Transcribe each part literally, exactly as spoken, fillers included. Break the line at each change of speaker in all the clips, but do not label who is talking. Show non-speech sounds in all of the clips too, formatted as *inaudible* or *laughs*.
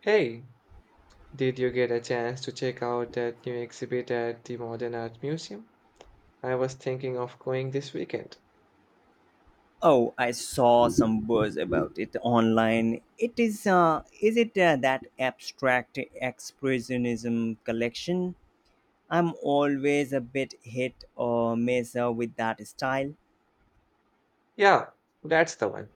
Hey, did you get a chance to check out that new exhibit at the Modern Art Museum? I was thinking of going this weekend.
Oh, I saw some buzz about it online. It is uh, is it uh, that abstract expressionism collection? I'm always a bit hit or miss uh, with that style.
Yeah, that's the one.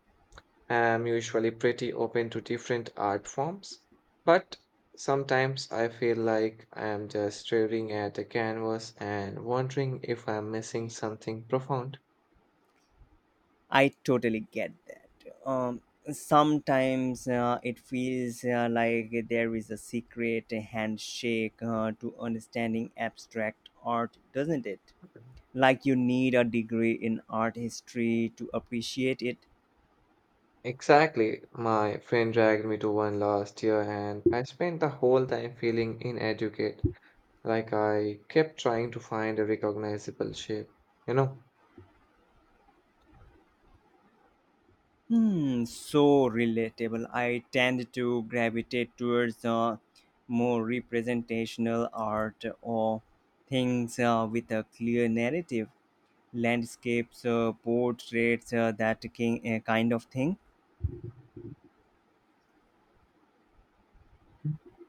I'm usually pretty open to different art forms, but sometimes I feel like I'm just staring at a canvas and wondering if I'm missing something profound.
I totally get that. Um, sometimes uh, it feels uh, like there is a secret handshake uh, to understanding abstract art, doesn't it? Like you need a degree in art history to appreciate it.
Exactly. My friend dragged me to one last year, and I spent the whole time feeling inadequate. Like I kept trying to find a recognizable shape, you know.
Hmm, so relatable. I tend to gravitate towards uh, more representational art or things uh, with a clear narrative: landscapes, uh, portraits, uh, that ki- uh, kind of thing.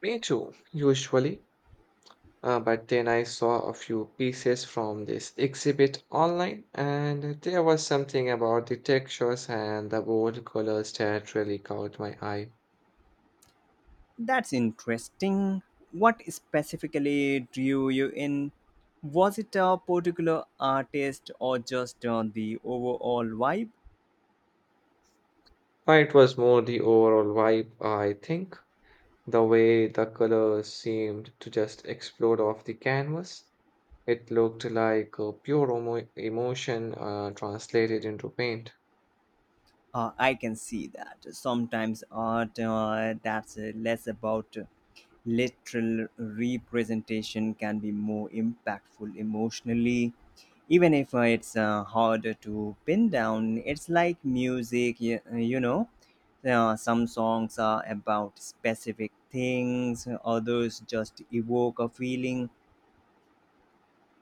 Me too, usually. Uh, but then I saw a few pieces from this exhibit online, and there was something about the textures and the bold colors that really caught my eye.
That's interesting. What specifically drew you in? Was it a particular artist or just uh, the overall vibe?
Uh, It was more the overall vibe, I think. The way the colors seemed to just explode off the canvas. It looked like uh, pure emo- emotion uh, translated into paint.
Uh, I can see that sometimes art uh, that's uh, less about literal representation can be more impactful emotionally, even if uh, it's uh, harder to pin down. It's like music, you, you know uh, some songs are about specific things, others just evoke a feeling.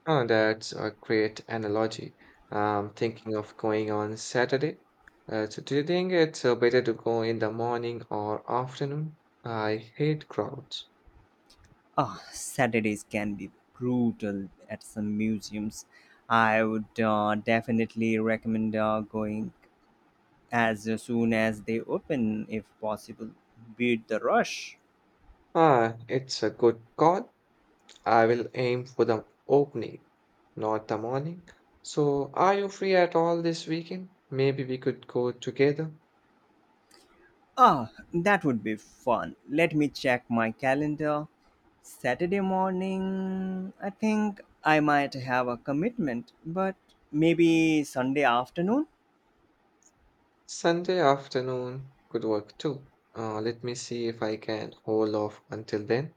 Oh, that's a great analogy. I'm thinking of going on Saturday. Uh, so do you think it's uh, better to go in the morning or afternoon? I hate crowds.
Ah, Saturdays can be brutal at some museums. I would uh, definitely recommend uh, going as soon as they open if possible. Beat the rush.
Ah, it's a good call. I will aim for the opening, not the morning. So are you free at all this weekend? Maybe we could go together.
Ah, that would be fun. Let me check my calendar. Saturday morning, I think I might have a commitment, but maybe Sunday afternoon?
Sunday afternoon could work too. Uh, let me see if I can hold off until then.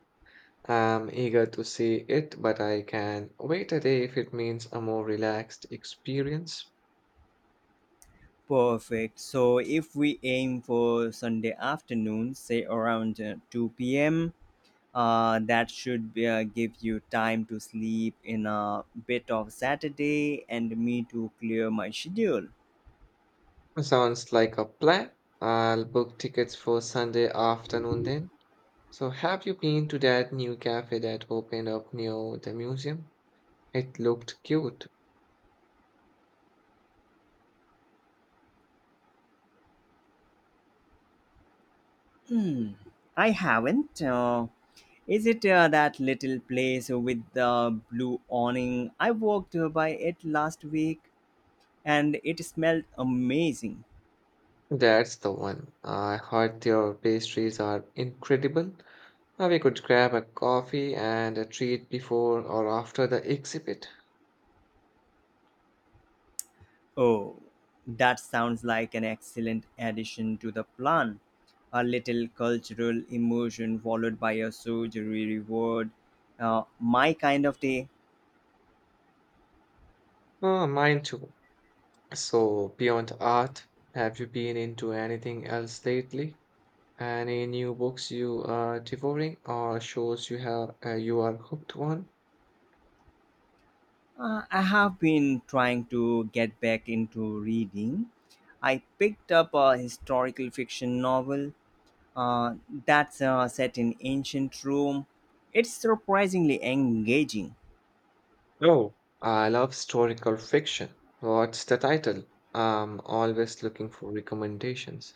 I'm eager to see it, but I can wait a day if it means a more relaxed experience.
Perfect. So if we aim for Sunday afternoon, say around uh, two p m, uh, that should be, uh, give you time to sleep in a bit of Saturday and me to clear my schedule.
Sounds like a plan. I'll book tickets for Sunday afternoon then. So, have you been to that new cafe that opened up near the museum? It looked cute.
Hmm. I haven't. Uh, Is it uh, that little place with the blue awning? I walked by it last week and it smelled amazing.
That's the one. I heard their pastries are incredible. Uh, We could grab a coffee and a treat before or after the exhibit.
Oh, that sounds like an excellent addition to the plan. A little cultural immersion followed by a surgery reward. Uh, my kind of day.
Oh, mine too. So, beyond art, have you been into anything else lately? Any new books you are devouring or shows you have uh, you are hooked on?
Uh, I have been trying to get back into reading. I picked up a historical fiction novel uh, that's uh, set in ancient Rome. It's surprisingly engaging.
Oh, I love historical fiction. What's the title? I'm always looking for recommendations.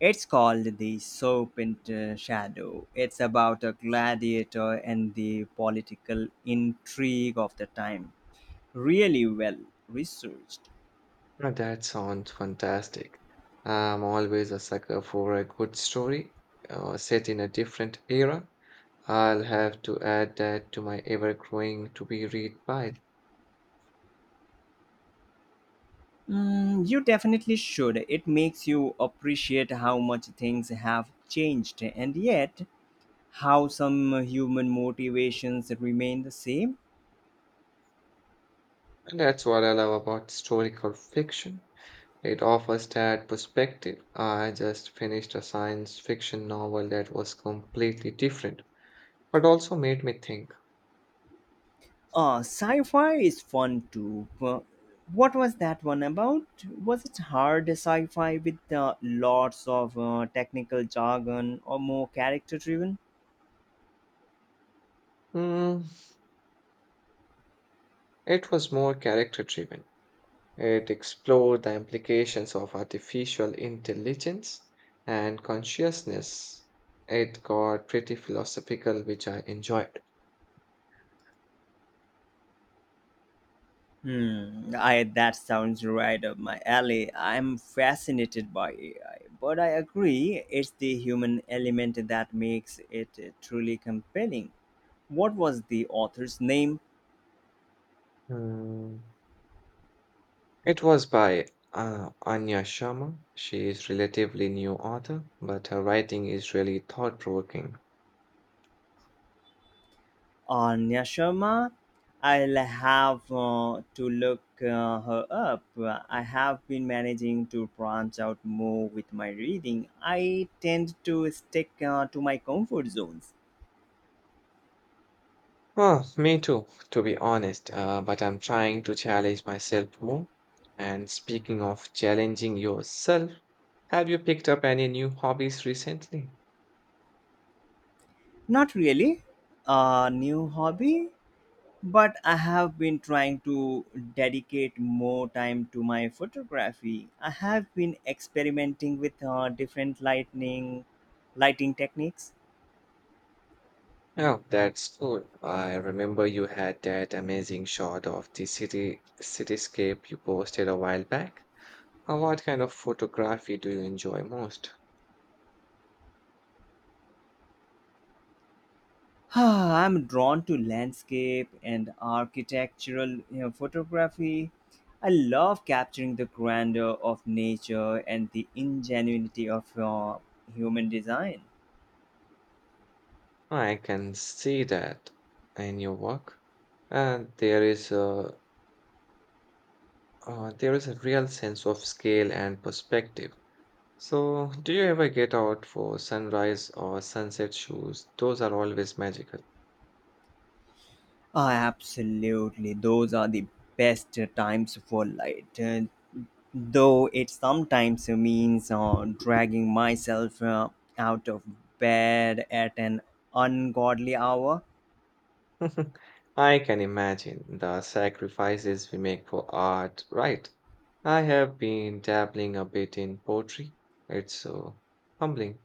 It's called The Serpent uh, Shadow. It's about a gladiator and the political intrigue of the time. Really well researched.
Uh, That sounds fantastic. I'm always a sucker for a good story uh, set in a different era. I'll have to add that to my ever-growing to-be-read pile.
Mm, you definitely should. It makes you appreciate how much things have changed, and yet how some human motivations remain the same.
And that's what I love about historical fiction. It offers that perspective. I just finished a science fiction novel that was completely different, but also made me think.
Uh, sci-fi is fun too. Uh, What was that one about? Was it hard sci-fi with uh, lots of uh, technical jargon, or more character-driven?
Hmm, it was more character driven. It explored the implications of artificial intelligence and consciousness. It got pretty philosophical, which I enjoyed.
Hmm, I that sounds right up my alley. I'm fascinated by A I, but I agree it's the human element that makes it uh, truly compelling. What was the author's name?
Hmm. It was by uh, Anya Sharma. She is relatively new author, but her writing is really thought-provoking.
Anya Sharma. I'll have uh, to look uh, her up. I have been managing to branch out more with my reading. I tend to stick uh, to my comfort zones.
Oh, me too, to be honest, uh, but I'm trying to challenge myself more. And speaking of challenging yourself, have you picked up any new hobbies recently?
Not really a new hobby, but I have been trying to dedicate more time to my photography. I have been experimenting with uh, different lightning lighting techniques.
Oh, that's cool. I remember you had that amazing shot of the city cityscape you posted a while back. Uh, what kind of photography do you enjoy most?
*sighs* I'm drawn to landscape and architectural, you know, photography. I love capturing the grandeur of nature and the ingenuity of uh, human design.
I can see that in your work. And there is a uh, there is a real sense of scale and perspective. So, do you ever get out for sunrise or sunset shoes? Those are always magical.
Ah, absolutely, those are the best times for light. Uh, though it sometimes means uh, dragging myself uh, out of bed at an ungodly hour.
*laughs* I can imagine the sacrifices we make for art, right? I have been dabbling a bit in poetry. It's so humbling.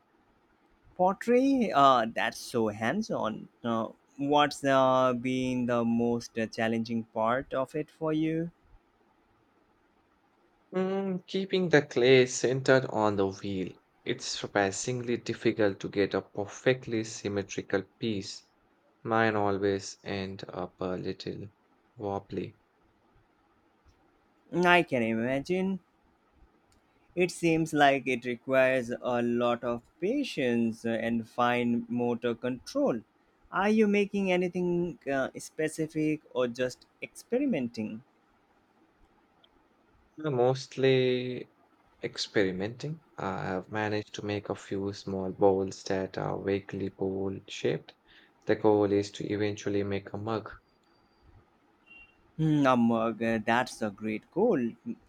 Pottery, uh, that's so hands on. Uh, what's uh, been the most uh, challenging part of it for you?
Mm, keeping the clay centered on the wheel, it's surprisingly difficult to get a perfectly symmetrical piece. Mine always end up a little wobbly.
I can imagine. It seems like it requires a lot of patience uh, and fine motor control. Are you making anything uh, specific, or just experimenting?
I'm mostly experimenting. I have managed to make a few small bowls that are vaguely bowl shaped. The goal is to eventually make a mug.
Hmm, um, uh, g- that's a great goal.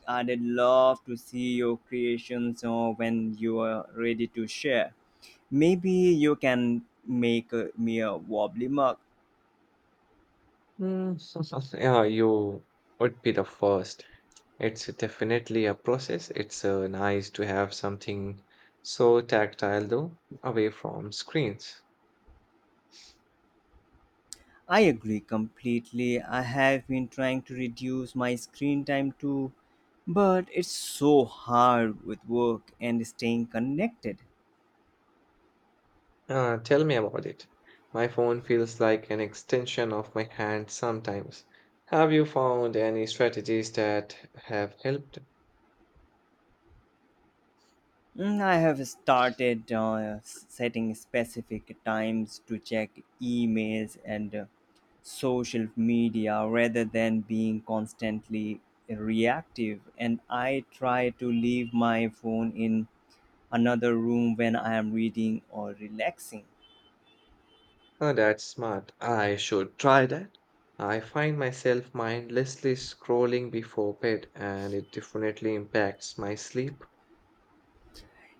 I'd love to see your creations uh, when you are ready to share. Maybe you can make uh, me a wobbly mug.
Mm, *laughs* yeah, you would be the first. It's definitely a process. It's uh, nice to have something so tactile, though, away from screens.
I agree completely. I have been trying to reduce my screen time too, but it's so hard with work and staying connected.
Uh, tell me about it. My phone feels like an extension of my hand sometimes. Have you found any strategies that have helped?
Mm, I have started uh, s- setting specific times to check emails and uh, social media rather than being constantly reactive. And I try to leave my phone in another room when I am reading or relaxing.
Oh, that's smart. I should try that. I find myself mindlessly scrolling before bed, and it definitely impacts my sleep.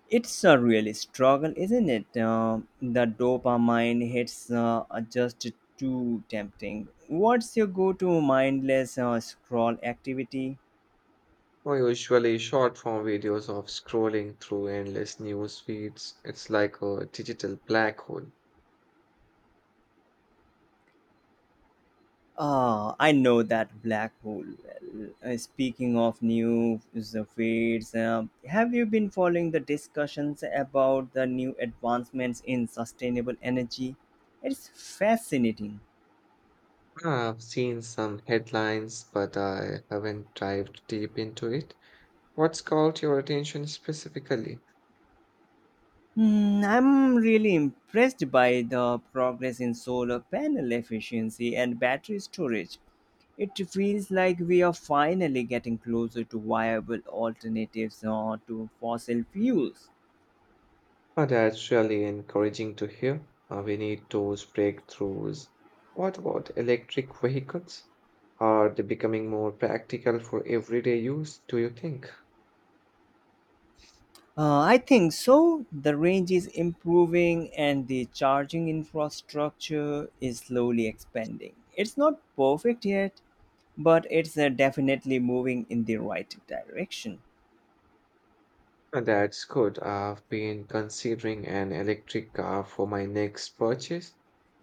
It's a really struggle, isn't it? Uh, the dopamine hits uh, are just too tempting. What's your go to mindless uh, scroll activity?
Or usually short form videos of scrolling through endless news feeds. It's like a digital black hole.
Ah, I know that black hole. Well, uh, speaking of new fades, um, have you been following the discussions about the new advancements in sustainable energy? It's fascinating.
I've seen some headlines, but I haven't dived deep into it. What's caught your attention specifically?
Hmm, I'm really impressed by the progress in solar panel efficiency and battery storage. It feels like we are finally getting closer to viable alternatives uh, to fossil fuels.
Oh, that's really encouraging to hear. Uh, we need those breakthroughs. What about electric vehicles? Are they becoming more practical for everyday use, do you think?
Uh, I think so. The range is improving and the charging infrastructure is slowly expanding. It's not perfect yet, but it's uh, definitely moving in the right direction.
Uh, That's good. I've been considering an electric car for my next purchase,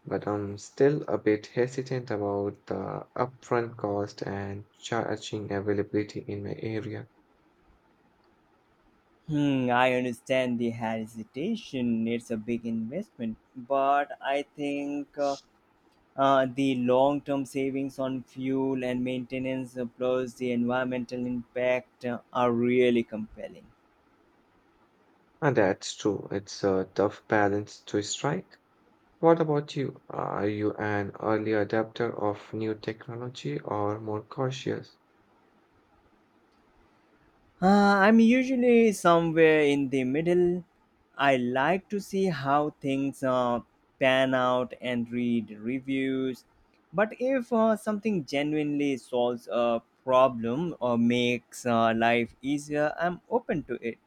but I'm still a bit hesitant about the upfront cost and charging availability in my area.
Hmm, I understand the hesitation. It's a big investment, but I think uh, uh, the long term savings on fuel and maintenance, uh, plus the environmental impact, uh, are really compelling.
And that's true. It's a tough balance to strike. What about you? Are you an early adapter of new technology or more cautious?
Uh, I'm usually somewhere in the middle. I like to see how things uh, pan out and read reviews. But if uh, something genuinely solves a problem or makes uh, life easier, I'm open to it.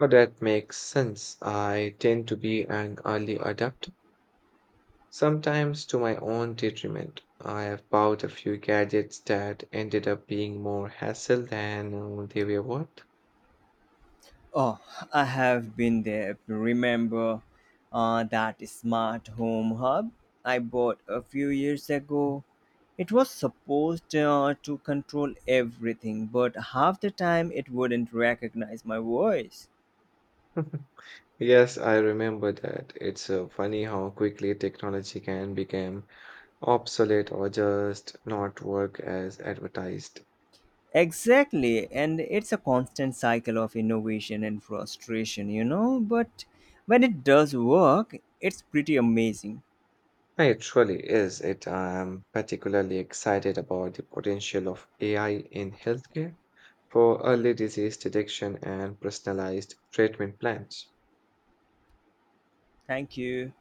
Oh, that makes sense. I tend to be an early adapter. Sometimes to my own detriment, I have bought a few gadgets that ended up being more hassle than uh, they were worth.
Oh, I have been there. Remember uh, that smart home hub I bought a few years ago? It was supposed uh, to control everything, but half the time it wouldn't recognize my voice.
Yes, I remember that. It's uh, funny how quickly technology can become obsolete or just not work as advertised.
Exactly, and it's a constant cycle of innovation and frustration, you know, but when it does work, it's pretty amazing.
It truly is. It I'm particularly excited about the potential of A I in healthcare for early disease detection and personalized treatment plans.
Thank you.